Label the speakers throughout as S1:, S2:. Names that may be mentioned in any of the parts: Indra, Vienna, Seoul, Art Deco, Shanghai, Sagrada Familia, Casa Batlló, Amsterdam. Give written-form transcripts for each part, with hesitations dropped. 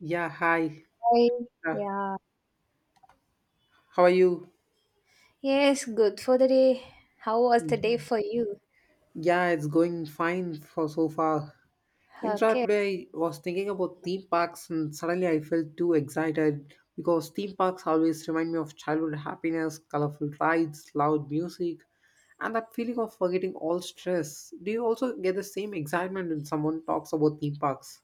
S1: Yeah, hi.
S2: Hi.
S1: Uh,
S2: Yeah.
S1: how are you?
S2: Yes, good for the day. How was the day
S1: Yeah.
S2: for you?
S1: Yeah, it's going fine for so far. In fact,
S2: Okay.
S1: today I was thinking about theme parks and suddenly I felt too excited because theme parks always remind me of childhood happiness, colorful rides, loud music, and that feeling of forgetting all stress. Do you also get the same excitement when someone talks about theme parks?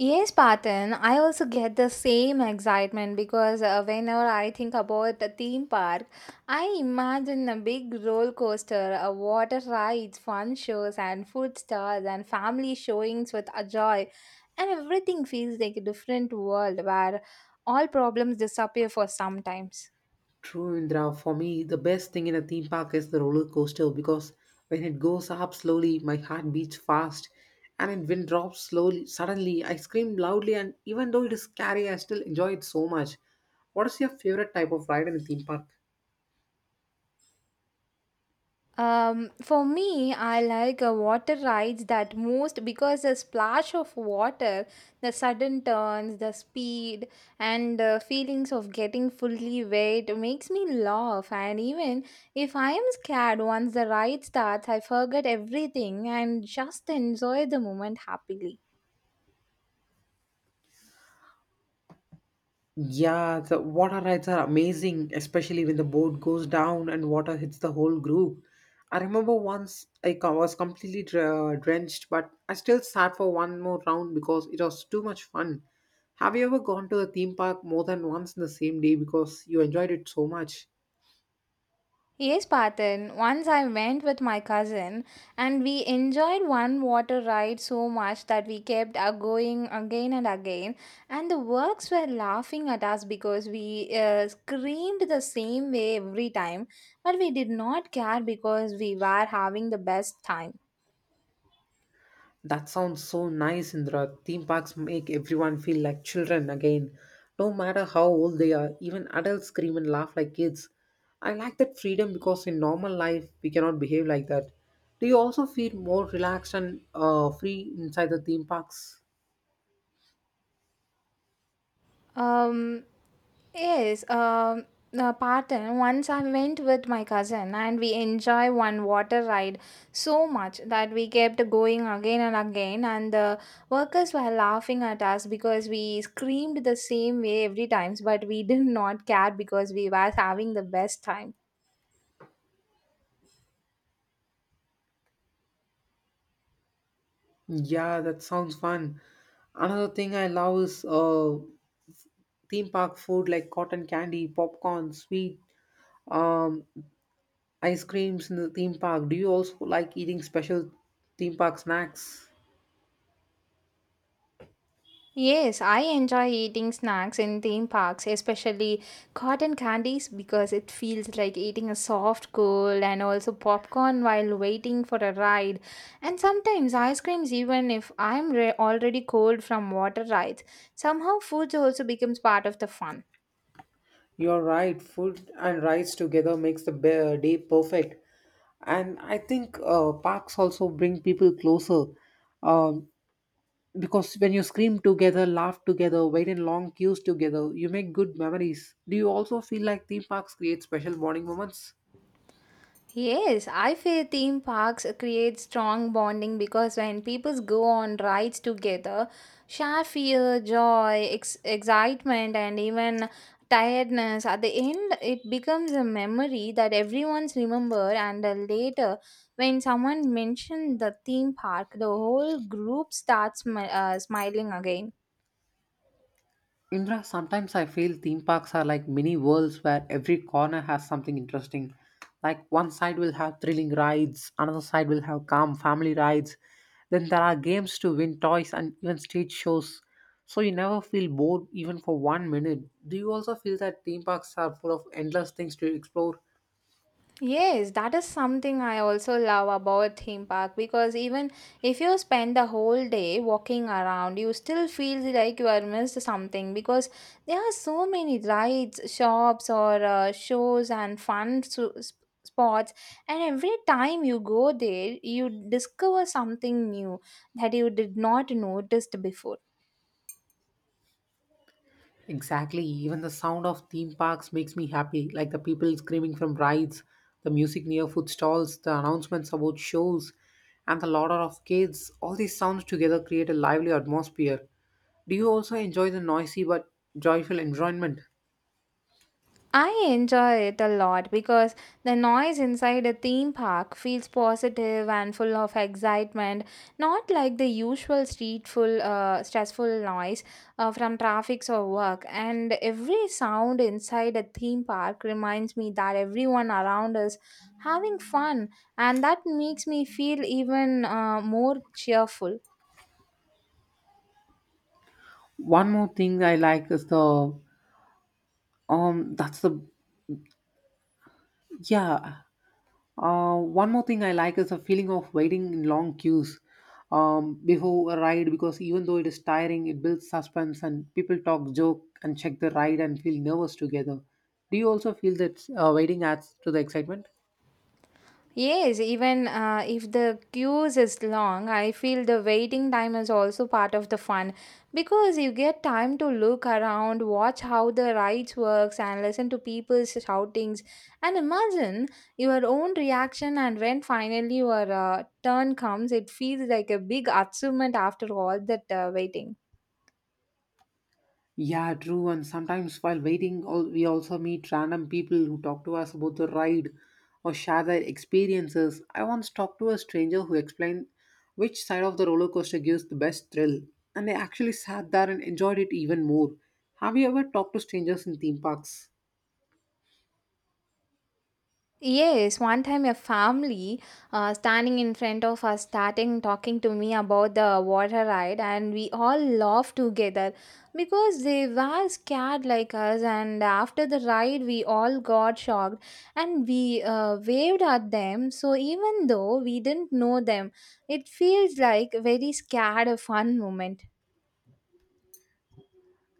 S2: Yes, Patan, I also get the same excitement because whenever I think about a theme park, I imagine a big roller coaster, a water rides, fun shows, and food stalls, and family showings with a joy. And everything feels like a different world where all problems disappear for sometimes.
S1: True, Indra. For me, the best thing in a theme park is the roller coaster because when it goes up slowly, my heart beats fast, and it when drops slowly, suddenly I scream loudly, and even though it is scary, I still enjoy it so much. What is your favorite type of ride in a theme park?
S2: For me, I like water rides that most because the splash of water, the sudden turns, the speed, and the feelings of getting fully wet makes me laugh. And even if I am scared, once the ride starts, I forget everything and just enjoy the moment happily.
S1: Yeah, the water rides are amazing, especially when the boat goes down and water hits the whole group. I remember once was completely drenched, but I still sat for one more round because it was too much fun. Have you ever gone to a theme park more than once in the same day because you enjoyed it so much?
S2: Yes, Patan. Once I went with my cousin and we enjoyed one water ride so much that we kept going again and again. And the works were laughing at us because we screamed the same way every time. But we did not care because we were having the best time.
S1: That sounds so nice, Indra. Theme parks make everyone feel like children again, no matter how old they are. Even adults scream and laugh like kids. I like that freedom because in normal life we cannot behave like that. Do you also feel more relaxed and free inside the theme parks?
S2: Um, Yes, the Patan. Once I went with my cousin and we enjoy one water ride so much that we kept going again and again, and the workers were laughing at us because we screamed the same way every times, but we did not care because we were having the best time.
S1: Yeah, that sounds fun. Another thing I love is theme park food like cotton candy, popcorn, sweet. Um, ice creams in the theme park. Do you also like eating special theme park snacks?
S2: Yes, I enjoy eating snacks in theme parks, especially cotton candies, because it feels like eating a soft cool, and also popcorn while waiting for a ride. And sometimes ice creams, even if I'm already cold from water rides. Somehow, food also becomes part of the fun.
S1: You're right. Food and rides together makes the day perfect. And I think parks also bring people closer um, because when you scream together, laugh together, wait in long queues together, you make good memories. Do you also feel like theme parks create special bonding moments?
S2: Yes, I feel theme parks create strong bonding because when people go on rides together, share fear, joy, excitement, and even tiredness, at the end, it becomes a memory that everyone's remember. And later, when someone mentioned the theme park, the whole group starts smiling again.
S1: Indra, sometimes I feel theme parks are like mini worlds where every corner has something interesting. Like one side will have thrilling rides, another side will have calm family rides. Then there are games to win toys and even stage shows. So you never feel bored even for one minute. Do you also feel that theme parks are full of endless things to explore?
S2: Yes, that is something I also love about theme park, because even if you spend the whole day walking around, you still feel like you are missed something because there are so many rides, shops, or shows and fun spots. And every time you go there, you discover something new that you did not noticed before.
S1: Exactly. Even the sound of theme parks makes me happy, like the people screaming from rides, the music near food stalls, the announcements about shows, and the laughter of kids. All these sounds together create a lively atmosphere. Do you also enjoy the noisy but joyful environment?
S2: I enjoy it a lot because the noise inside a theme park feels positive and full of excitement, not like the usual streetful, full stressful noise from traffics or work. And every sound inside a theme park reminds me that everyone around us having fun, and that makes me feel even more cheerful.
S1: One more thing I like is the that's the yeah One more thing I like is the feeling of waiting in long queues before a ride because even though it is tiring, it builds suspense and people talk, joke, and check the ride and feel nervous together. Do you also feel that waiting adds to the excitement?
S2: Yes, even if the queues is long, I feel the waiting time is also part of the fun because you get time to look around, watch how the rides works and listen to people's shoutings and imagine your own reaction, and when finally your turn comes, it feels like a big achievement after all that waiting.
S1: Yeah, true. And sometimes while waiting, we also meet random people who talk to us about the ride or share their experiences. I once talked to a stranger who explained which side of the roller coaster gives the best thrill, and I actually sat there and enjoyed it even more. Have you ever talked to strangers in theme parks?
S2: Yes, one time a family standing in front of us starting talking to me about the water ride, and we all laughed together because they were scared like us. And after the ride, we all got shocked and we waved at them. So even though we didn't know them, it feels like very scared fun moment.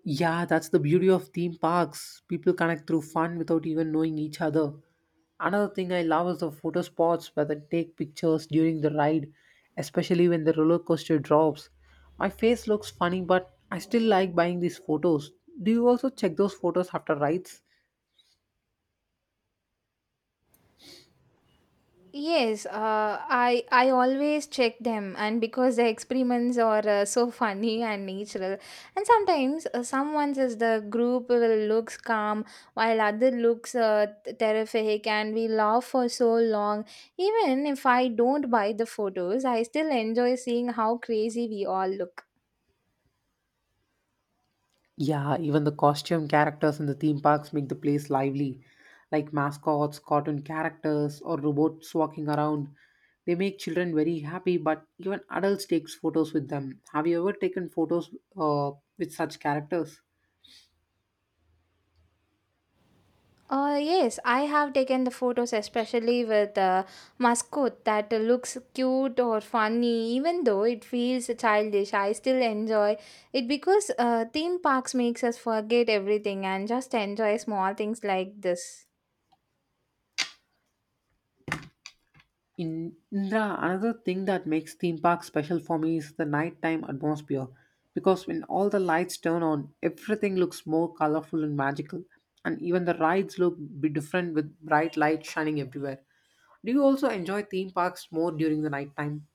S1: Yeah, that's the beauty of theme parks. People connect through fun without even knowing each other. Another thing I love is the photo spots where they take pictures during the ride, especially when the roller coaster drops. My face looks funny, but I still like buying these photos. Do you also check those photos after rides?
S2: Yes, I always check them, and because the experiments are so funny and natural, and sometimes someone says the group will looks calm while other looks terrific, and we laugh for so long. Even if I don't buy the photos, I still enjoy seeing how crazy we all look.
S1: Yeah, even the costume characters in the theme parks make the place lively, like mascots, cartoon characters, or robots walking around. They make children very happy, but even adults takes photos with them. Have you ever taken photos uh, with such characters?
S2: Yes, I have taken the photos, especially with the mascot that looks cute or funny, even though it feels childish. I still enjoy it because theme parks makes us forget everything and just enjoy small things like this.
S1: In Indra, another thing that makes theme parks special for me is the nighttime atmosphere because when all the lights turn on, everything looks more colorful and magical, and even the rides look be different with bright lights shining everywhere. Do you also enjoy theme parks more during the nighttime?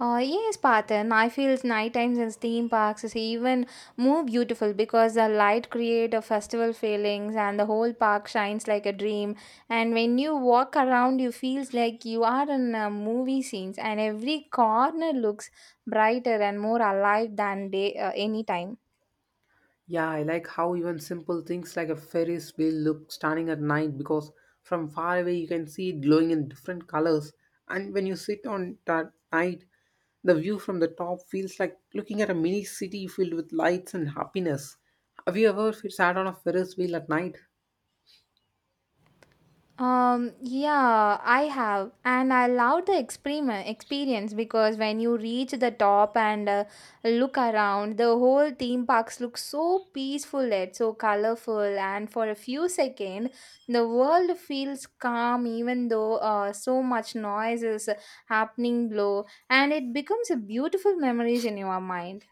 S2: Yes, Patan. I feel nighttime in theme parks is even more beautiful because the light create a festival feelings and the whole park shines like a dream. And when you walk around, you feels like you are in a movie scenes, and every corner looks brighter and more alive than day any time.
S1: Yeah, I like how even simple things like a Ferris wheel look stunning at night because from far away you can see it glowing in different colors. And when you sit on it at night, the view from the top feels like looking at a mini city filled with lights and happiness. Have you ever sat on a Ferris wheel at night?
S2: Yeah, I have, and I love the experiment experience because when you reach the top and look around, the whole theme parks look so peaceful, yet so colorful, and for a few seconds, the world feels calm, even though so much noise is happening below, and it becomes a beautiful memories in your mind.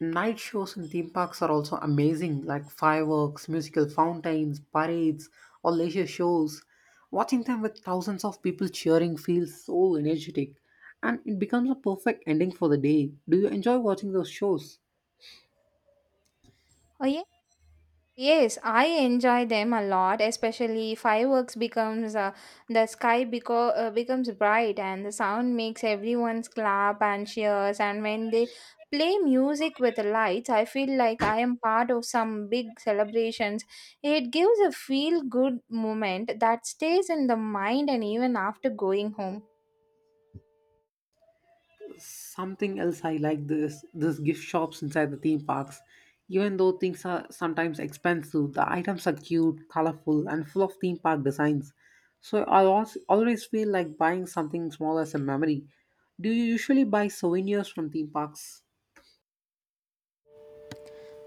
S1: Night shows in theme parks are also amazing, like fireworks, musical fountains, parades, or leisure shows. Watching them with thousands of people cheering feels so energetic, and it becomes a perfect ending for the day. Do you enjoy watching those shows?
S2: Oh yeah. Yes, I enjoy them a lot, especially fireworks becomes the sky becomes bright and the sound makes everyone clap and cheers, and when they play music with the lights, I feel like I am part of some big celebrations. It gives a feel good moment that stays in the mind and even after going home.
S1: Something else I like this gift shops inside the theme parks. Even though things are sometimes expensive, the items are cute, colorful, and full of theme park designs. So I always feel like buying something small as a memory. Do you usually buy souvenirs from theme parks?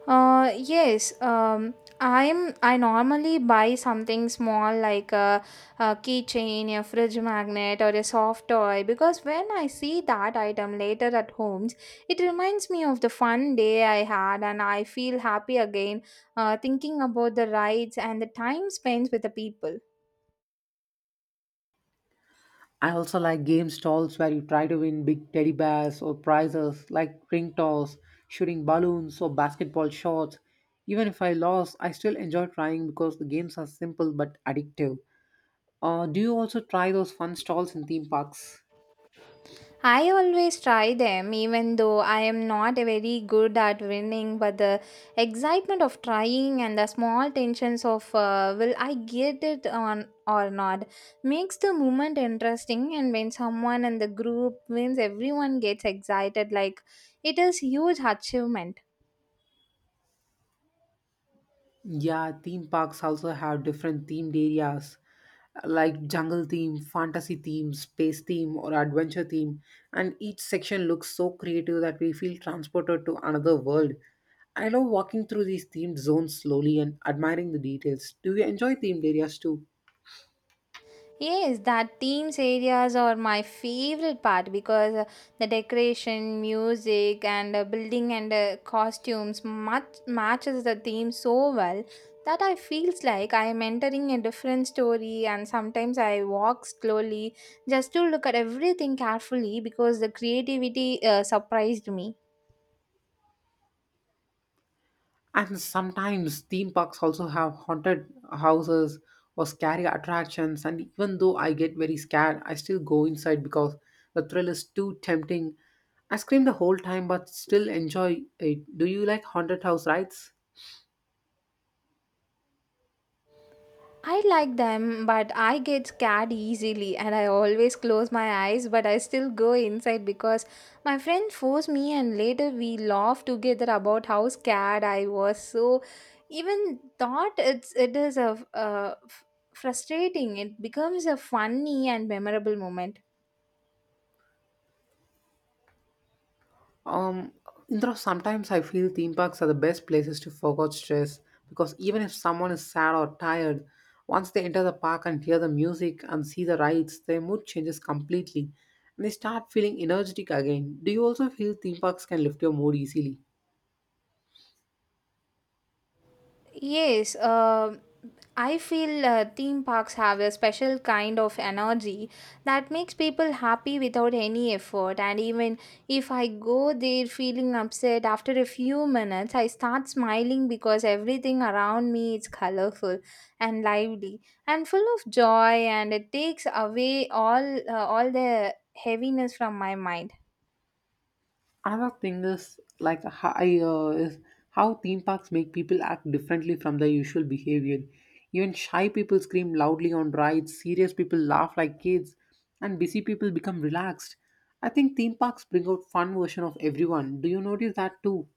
S2: Yes. I normally buy something small like a keychain, a fridge magnet, or a soft toy, because when I see that item later at homes, it reminds me of the fun day I had, and I feel happy again thinking about the rides and the time spent with the people.
S1: I also like game stalls where you try to win big teddy bears or prizes like ring toss, shooting balloons, or basketball shots. Even if I lost, I still enjoy trying because the games are simple but addictive. Do you also try those fun stalls in theme parks?
S2: I always try them, even though I am not very good at winning. But the excitement of trying and the small tensions of will I get it on or not makes the moment interesting. And when someone in the group wins, everyone gets excited like it is huge achievement.
S1: Yeah, theme parks also have different themed areas like jungle theme, fantasy theme, space theme, or adventure theme, and each section looks so creative that we feel transported to another world. I love walking through these themed zones slowly and admiring the details. Do you enjoy themed areas too?
S2: Yes, that themes areas are my favorite part because the decoration, music, and building and costumes much matches the theme so well that I feels like I am entering a different story. And sometimes I walk slowly just to look at everything carefully because the creativity surprised me.
S1: And sometimes theme parks also have haunted houses or scary attractions. And even though I get very scared, I still go inside because the thrill is too tempting. I scream the whole time but still enjoy it. Do you like haunted house rides?
S2: I like them, but I get scared easily and I always close my eyes, but I still go inside because my friend forced me, and later we laughed together about how scared I was. So, even thought it is a frustrating, it becomes a funny and memorable moment.
S1: Um, Indra, sometimes I feel theme parks are the best places to forget stress because even if someone is sad or tired, once they enter the park and hear the music and see the rides, their mood changes completely and they start feeling energetic again. Do you also feel theme parks can lift your mood easily?
S2: Yes, um, I feel theme parks have a special kind of energy that makes people happy without any effort. And even if I go there feeling upset, after a few minutes, I start smiling because everything around me is colorful and lively and full of joy, and it takes away all the heaviness from my mind.
S1: Another thing is like high is How theme parks make people act differently from their usual behavior. Even shy people scream loudly on rides, serious people laugh like kids, and busy people become relaxed. I think theme parks bring out fun version of everyone. Do you notice that too?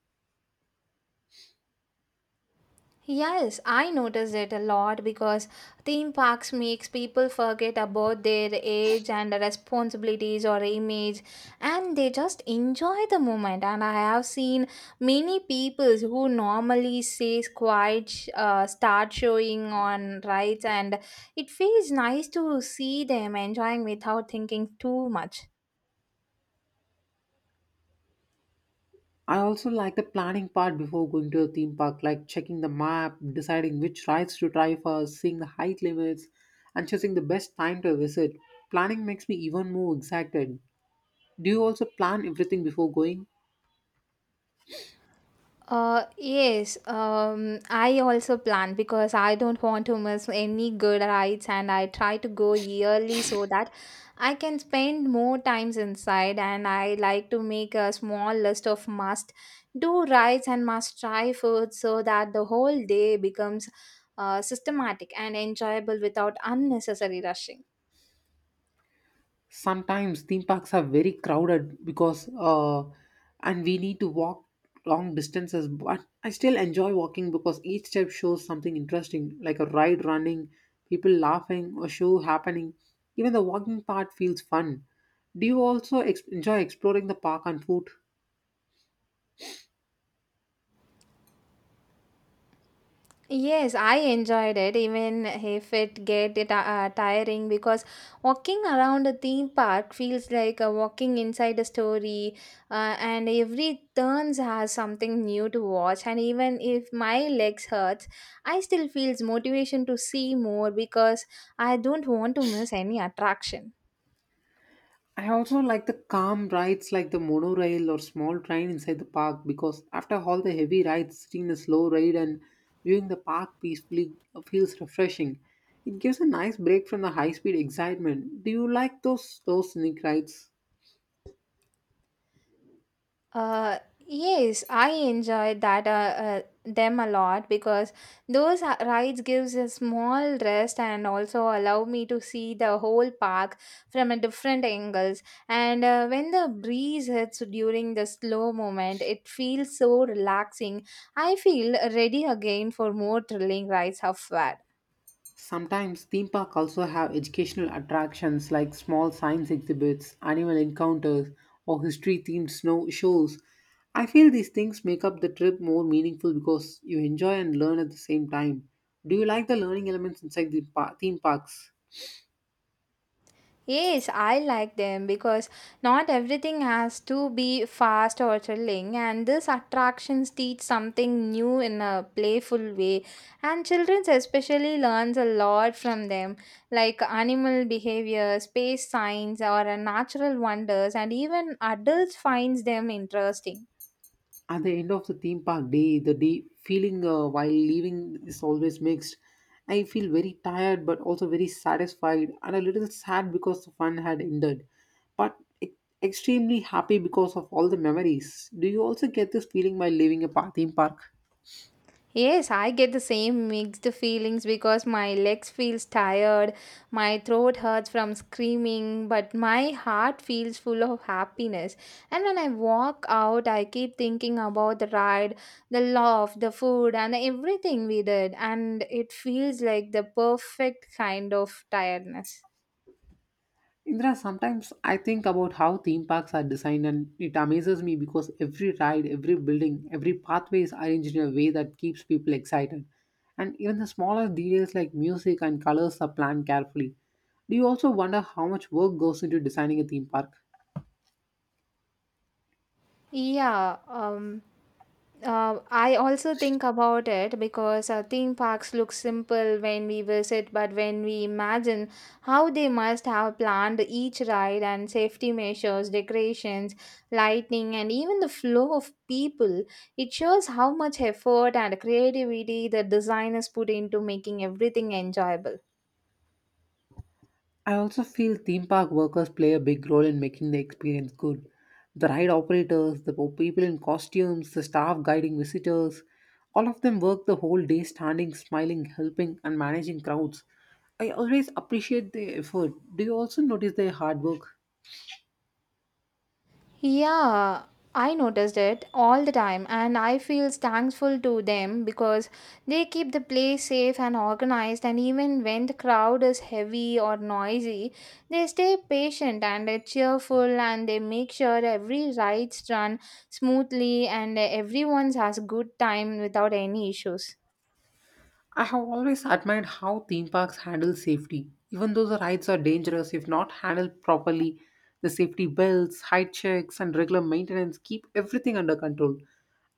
S2: Yes, I notice it a lot because theme parks makes people forget about their age and responsibilities or image, and they just enjoy the moment, and I have seen many people who normally says quiet start showing on rides, and it feels nice to see them enjoying without thinking too much.
S1: I also like the planning part before going to a theme park, like checking the map, deciding which rides to try first, seeing the height limits, and choosing the best time to visit. Planning makes me even more excited. Do you also plan everything before going?
S2: Yes, I also plan because I don't want to miss any good rides, and I try to go yearly so that I can spend more times inside, and I like to make a small list of must do rides and must try food so that the whole day becomes systematic and enjoyable without unnecessary rushing.
S1: Sometimes theme parks are very crowded because and we need to walk long distances, but I still enjoy walking because each step shows something interesting, like a ride running, people laughing, a show happening. Even the walking part feels fun. Do you also enjoy exploring the park on foot?
S2: Yes, I enjoyed it, even if it get it tiring because walking around a theme park feels like a walking inside a story, and every turns has something new to watch. And even if my legs hurts, I still feels motivation to see more because I don't want to miss any attraction.
S1: I also like the calm rides like the monorail or small train inside the park because after all the heavy rides, sitting in a slow ride and viewing the park peacefully feels refreshing. It gives a nice break from the high speed excitement. Do you like those scenic rides?
S2: Uh, yes, I enjoy that them a lot because those rides gives a small rest and also allow me to see the whole park from a different angles. And when the breeze hits during the slow moment, it feels so relaxing. I feel ready again for more thrilling rides of.
S1: Sometimes theme park also have educational attractions like small science exhibits, animal encounters, or history themed snow shows. I feel these things make up the trip more meaningful because you enjoy and learn at the same time. Do you like the learning elements inside the theme parks?
S2: Yes, I like them because not everything has to be fast or thrilling, and these attractions teach something new in a playful way. And children especially learns a lot from them, like animal behavior, space science, or natural wonders, and even adults finds them interesting.
S1: At the end of the theme park day, the day feeling while leaving is always mixed. I feel very tired but also very satisfied and a little sad because the fun had ended, but e- extremely happy because of all the memories. Do you also get this feeling while leaving a theme park?
S2: Yes, I get the same mixed feelings because my legs feels tired, my throat hurts from screaming, but my heart feels full of happiness. And when I walk out, I keep thinking about the ride, the love, the food, and everything we did, and it feels like the perfect kind of tiredness.
S1: Indra, sometimes I think about how theme parks are designed and it amazes me because every ride, every building, every pathway is arranged in a way that keeps people excited. And even the smaller details like music and colors are planned carefully. Do you also wonder how much work goes into designing a theme park?
S2: Yeah, um I also think about it because theme parks look simple when we visit, but when we imagine how they must have planned each ride and safety measures, decorations, lighting, and even the flow of people, it shows how much effort and creativity the designers put into making everything enjoyable.
S1: I also feel theme park workers play a big role in making the experience good. The ride operators, the people in costumes, the staff guiding visitors, all of them work the whole day standing, smiling, helping, and managing crowds. I always appreciate their effort. Do you also notice their hard work?
S2: Yeah, I noticed it all the time, and I feel thankful to them because they keep the place safe and organized. And even when the crowd is heavy or noisy, they stay patient and they're cheerful and they make sure every ride's run smoothly and everyone has good time without any issues.
S1: I have always admired how theme parks handle safety. Even though the rides are dangerous if not handled properly, the safety belts, height checks, and regular maintenance keep everything under control.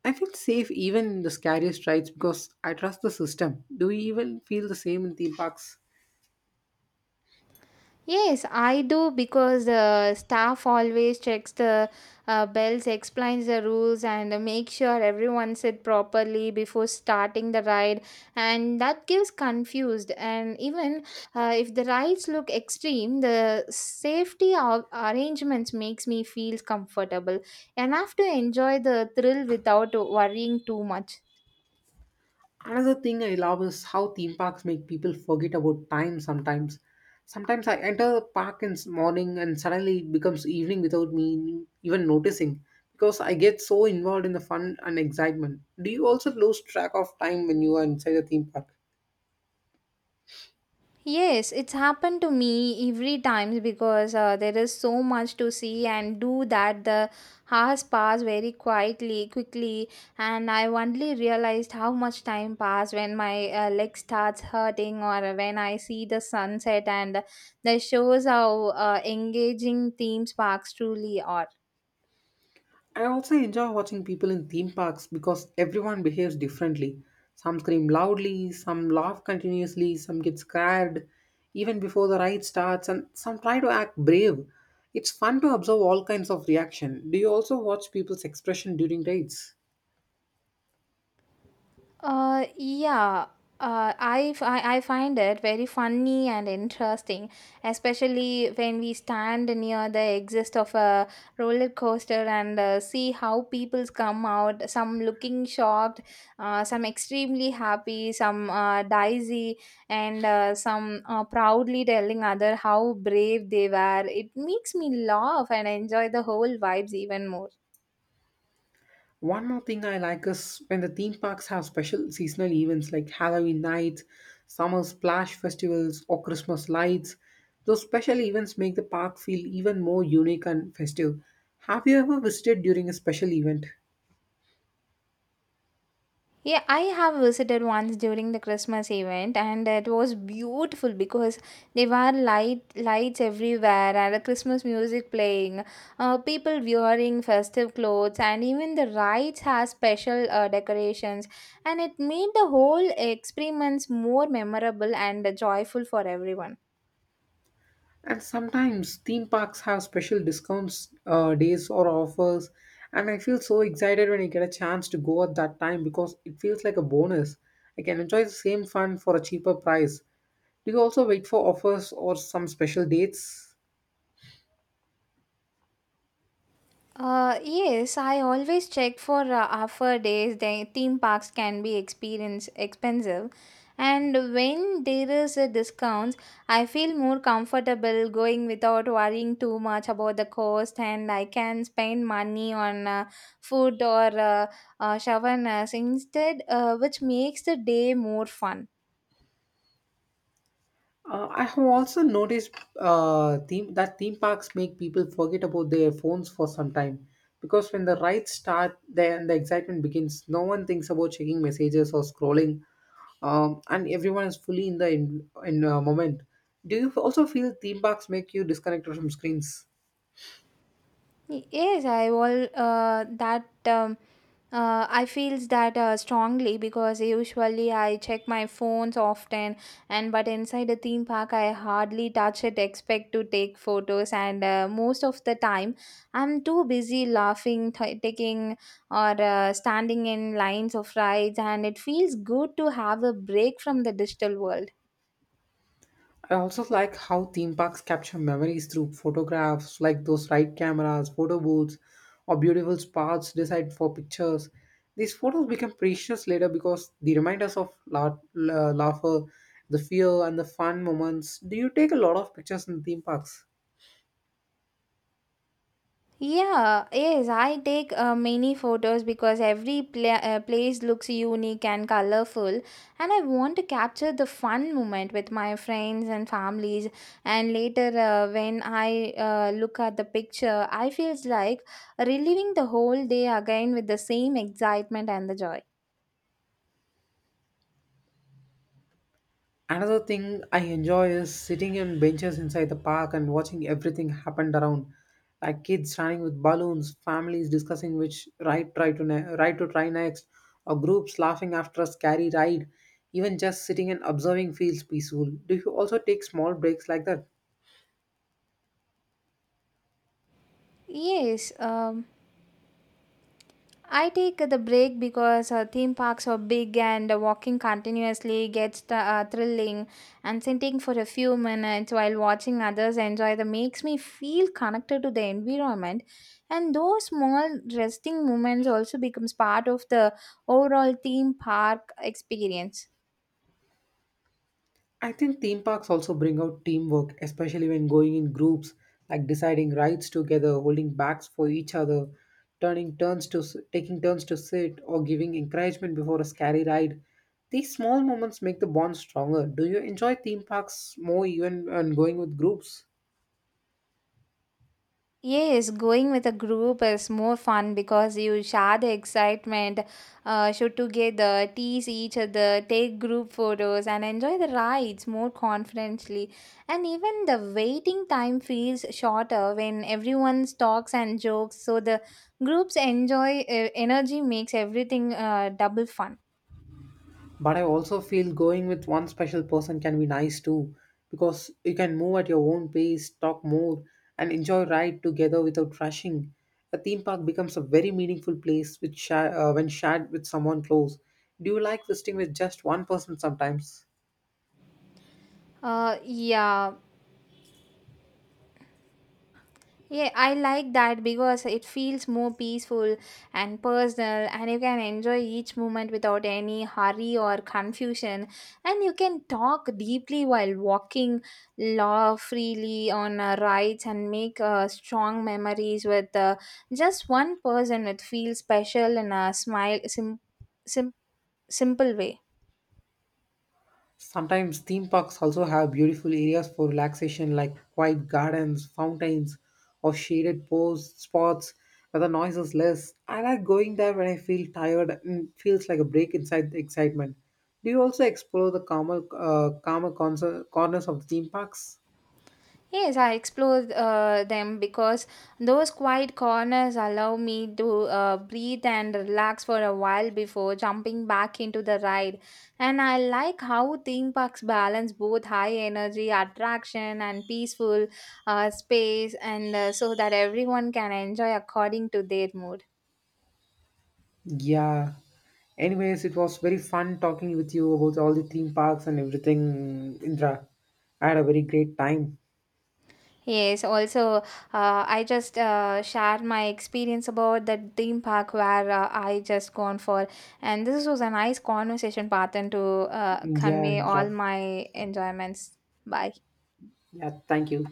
S1: I feel safe even in the scariest rides because I trust the system. Do you even feel the same in theme parks?
S2: Yes, I do because the staff always checks the bells, explains the rules, and make sure everyone sit properly before starting the ride, and that gives confused. And even if the rides look extreme, the safety arrangements makes me feel comfortable enough to enjoy the thrill without worrying too much.
S1: Another thing I love is how theme parks make people forget about time sometimes. Sometimes I enter a park in the morning and suddenly it becomes evening without me even noticing because I get so involved in the fun and excitement. Do you also lose track of time when you are inside a theme park?
S2: Yes, it's happened to me every time because there is so much to see and do that the hours pass very quickly, and I only realized how much time passed when my leg starts hurting or when I see the sunset and that shows how engaging theme parks truly are.
S1: I also enjoy watching people in theme parks because everyone behaves differently. Some scream loudly, some laugh continuously, some get scared even before the ride starts, and some try to act brave. It's fun to observe all kinds of reaction. Do you also watch people's expression during rides?
S2: Yeah. I find it very funny and interesting, especially when we stand near the exit of a roller coaster and see how peoples come out, some looking shocked, some extremely happy, some dizzy, and some proudly telling other how brave they were. It makes me laugh and enjoy the whole vibes even more.
S1: One more thing I like is when the theme parks have special seasonal events like Halloween nights, summer splash festivals, or Christmas lights. Those special events make the park feel even more unique and festive. Have you ever visited during a special event?
S2: Yeah, I have visited once during the Christmas event, and it was beautiful because there were light lights everywhere and a Christmas music playing, people wearing festive clothes, and even the rides had special decorations, and it made the whole experience more memorable and joyful for everyone.
S1: And sometimes theme parks have special discounts, days, or offers. And I feel so excited when I get a chance to go at that time because it feels like a bonus. I can enjoy the same fun for a cheaper price. Do you also wait for offers or some special dates?
S2: Yes, I always check for offer days. The theme parks can be experience expensive, and when there is a discounts, I feel more comfortable going without worrying too much about the cost, and I can spend money on food or showers instead, which makes the day more fun.
S1: I have also noticed that theme parks make people forget about their phones for some time because when the rides start, then the excitement begins. No one thinks about checking messages or scrolling, and everyone is fully in the in moment. Do you also feel theme parks make you disconnected from screens?
S2: Yes, I feels that strongly because usually I check my phones often, and but inside the theme park I hardly touch it. Expect to take photos, and most of the time I'm too busy laughing, taking or standing in lines of rides, and it feels good to have a break from the digital world.
S1: I also like how theme parks capture memories through photographs, like those ride cameras, photo booths, or beautiful spots designed for pictures. These photos become precious later because they remind us of laughter, the fear, and the fun moments. Do you take a lot of pictures in theme parks?
S2: Yeah, yes, I take many photos because every place looks unique and colorful, and I want to capture the fun moment with my friends and families. And later, when I look at the picture, I feels like reliving the whole day again with the same excitement and the joy.
S1: Another thing I enjoy is sitting on benches inside the park and watching everything happen around, like kids running with balloons, families discussing which ride try to ne- ride to try next, or groups laughing after a scary ride. Even just sitting and observing feels peaceful. Do you also take small breaks like that?
S2: Yes, I take the break because theme parks are big and walking continuously gets the, thrilling. And sitting for a few minutes while watching others enjoy the makes me feel connected to the environment. And those small resting moments also becomes part of the overall theme park experience.
S1: I think theme parks also bring out teamwork, especially when going in groups, like deciding rides together, holding backs for each other, turning turns to s- taking turns to sit, or giving encouragement before a scary ride. These small moments make the bond stronger. Do you enjoy theme parks more even when going with groups?
S2: Yes, going with a group is more fun because you share the excitement, shoot together, tease each other, take group photos, and enjoy the rides more confidently. And even the waiting time feels shorter when everyone talks and jokes. So the group's enjoy energy makes everything double fun.
S1: But I also feel going with one special person can be nice too, because you can move at your own pace, talk more, and enjoy ride together without rushing. A theme park becomes a very meaningful place when shared with someone close. Do you like visiting with just one person sometimes?
S2: Uh, yeah, Yeah, I like that because it feels more peaceful and personal, and you can enjoy each moment without any hurry or confusion. And you can talk deeply while walking, laugh freely on rides, and make strong memories with just one person. It feels special in a sim- simple way.
S1: Sometimes theme parks also have beautiful areas for relaxation like quiet gardens, fountains, or shaded pose spots where the noise is less. I like going there when I feel tired and it feels like a break inside the excitement. Do you also explore the calmer corners of the theme parks?
S2: Yes, I explore them because those quiet corners allow me to breathe and relax for a while before jumping back into the ride. And I like how theme parks balance both high energy attraction and peaceful space, and so that everyone can enjoy according to their mood.
S1: Yeah. Anyways, it was very fun talking with you about all the theme parks and everything, Indra. I had a very great time.
S2: Yes, also, I just share my experience about the theme park where I just gone for, and this was a nice conversation pattern to
S1: Yeah,
S2: convey
S1: Indra.
S2: all my enjoyments. Bye.
S1: Yeah, thank you.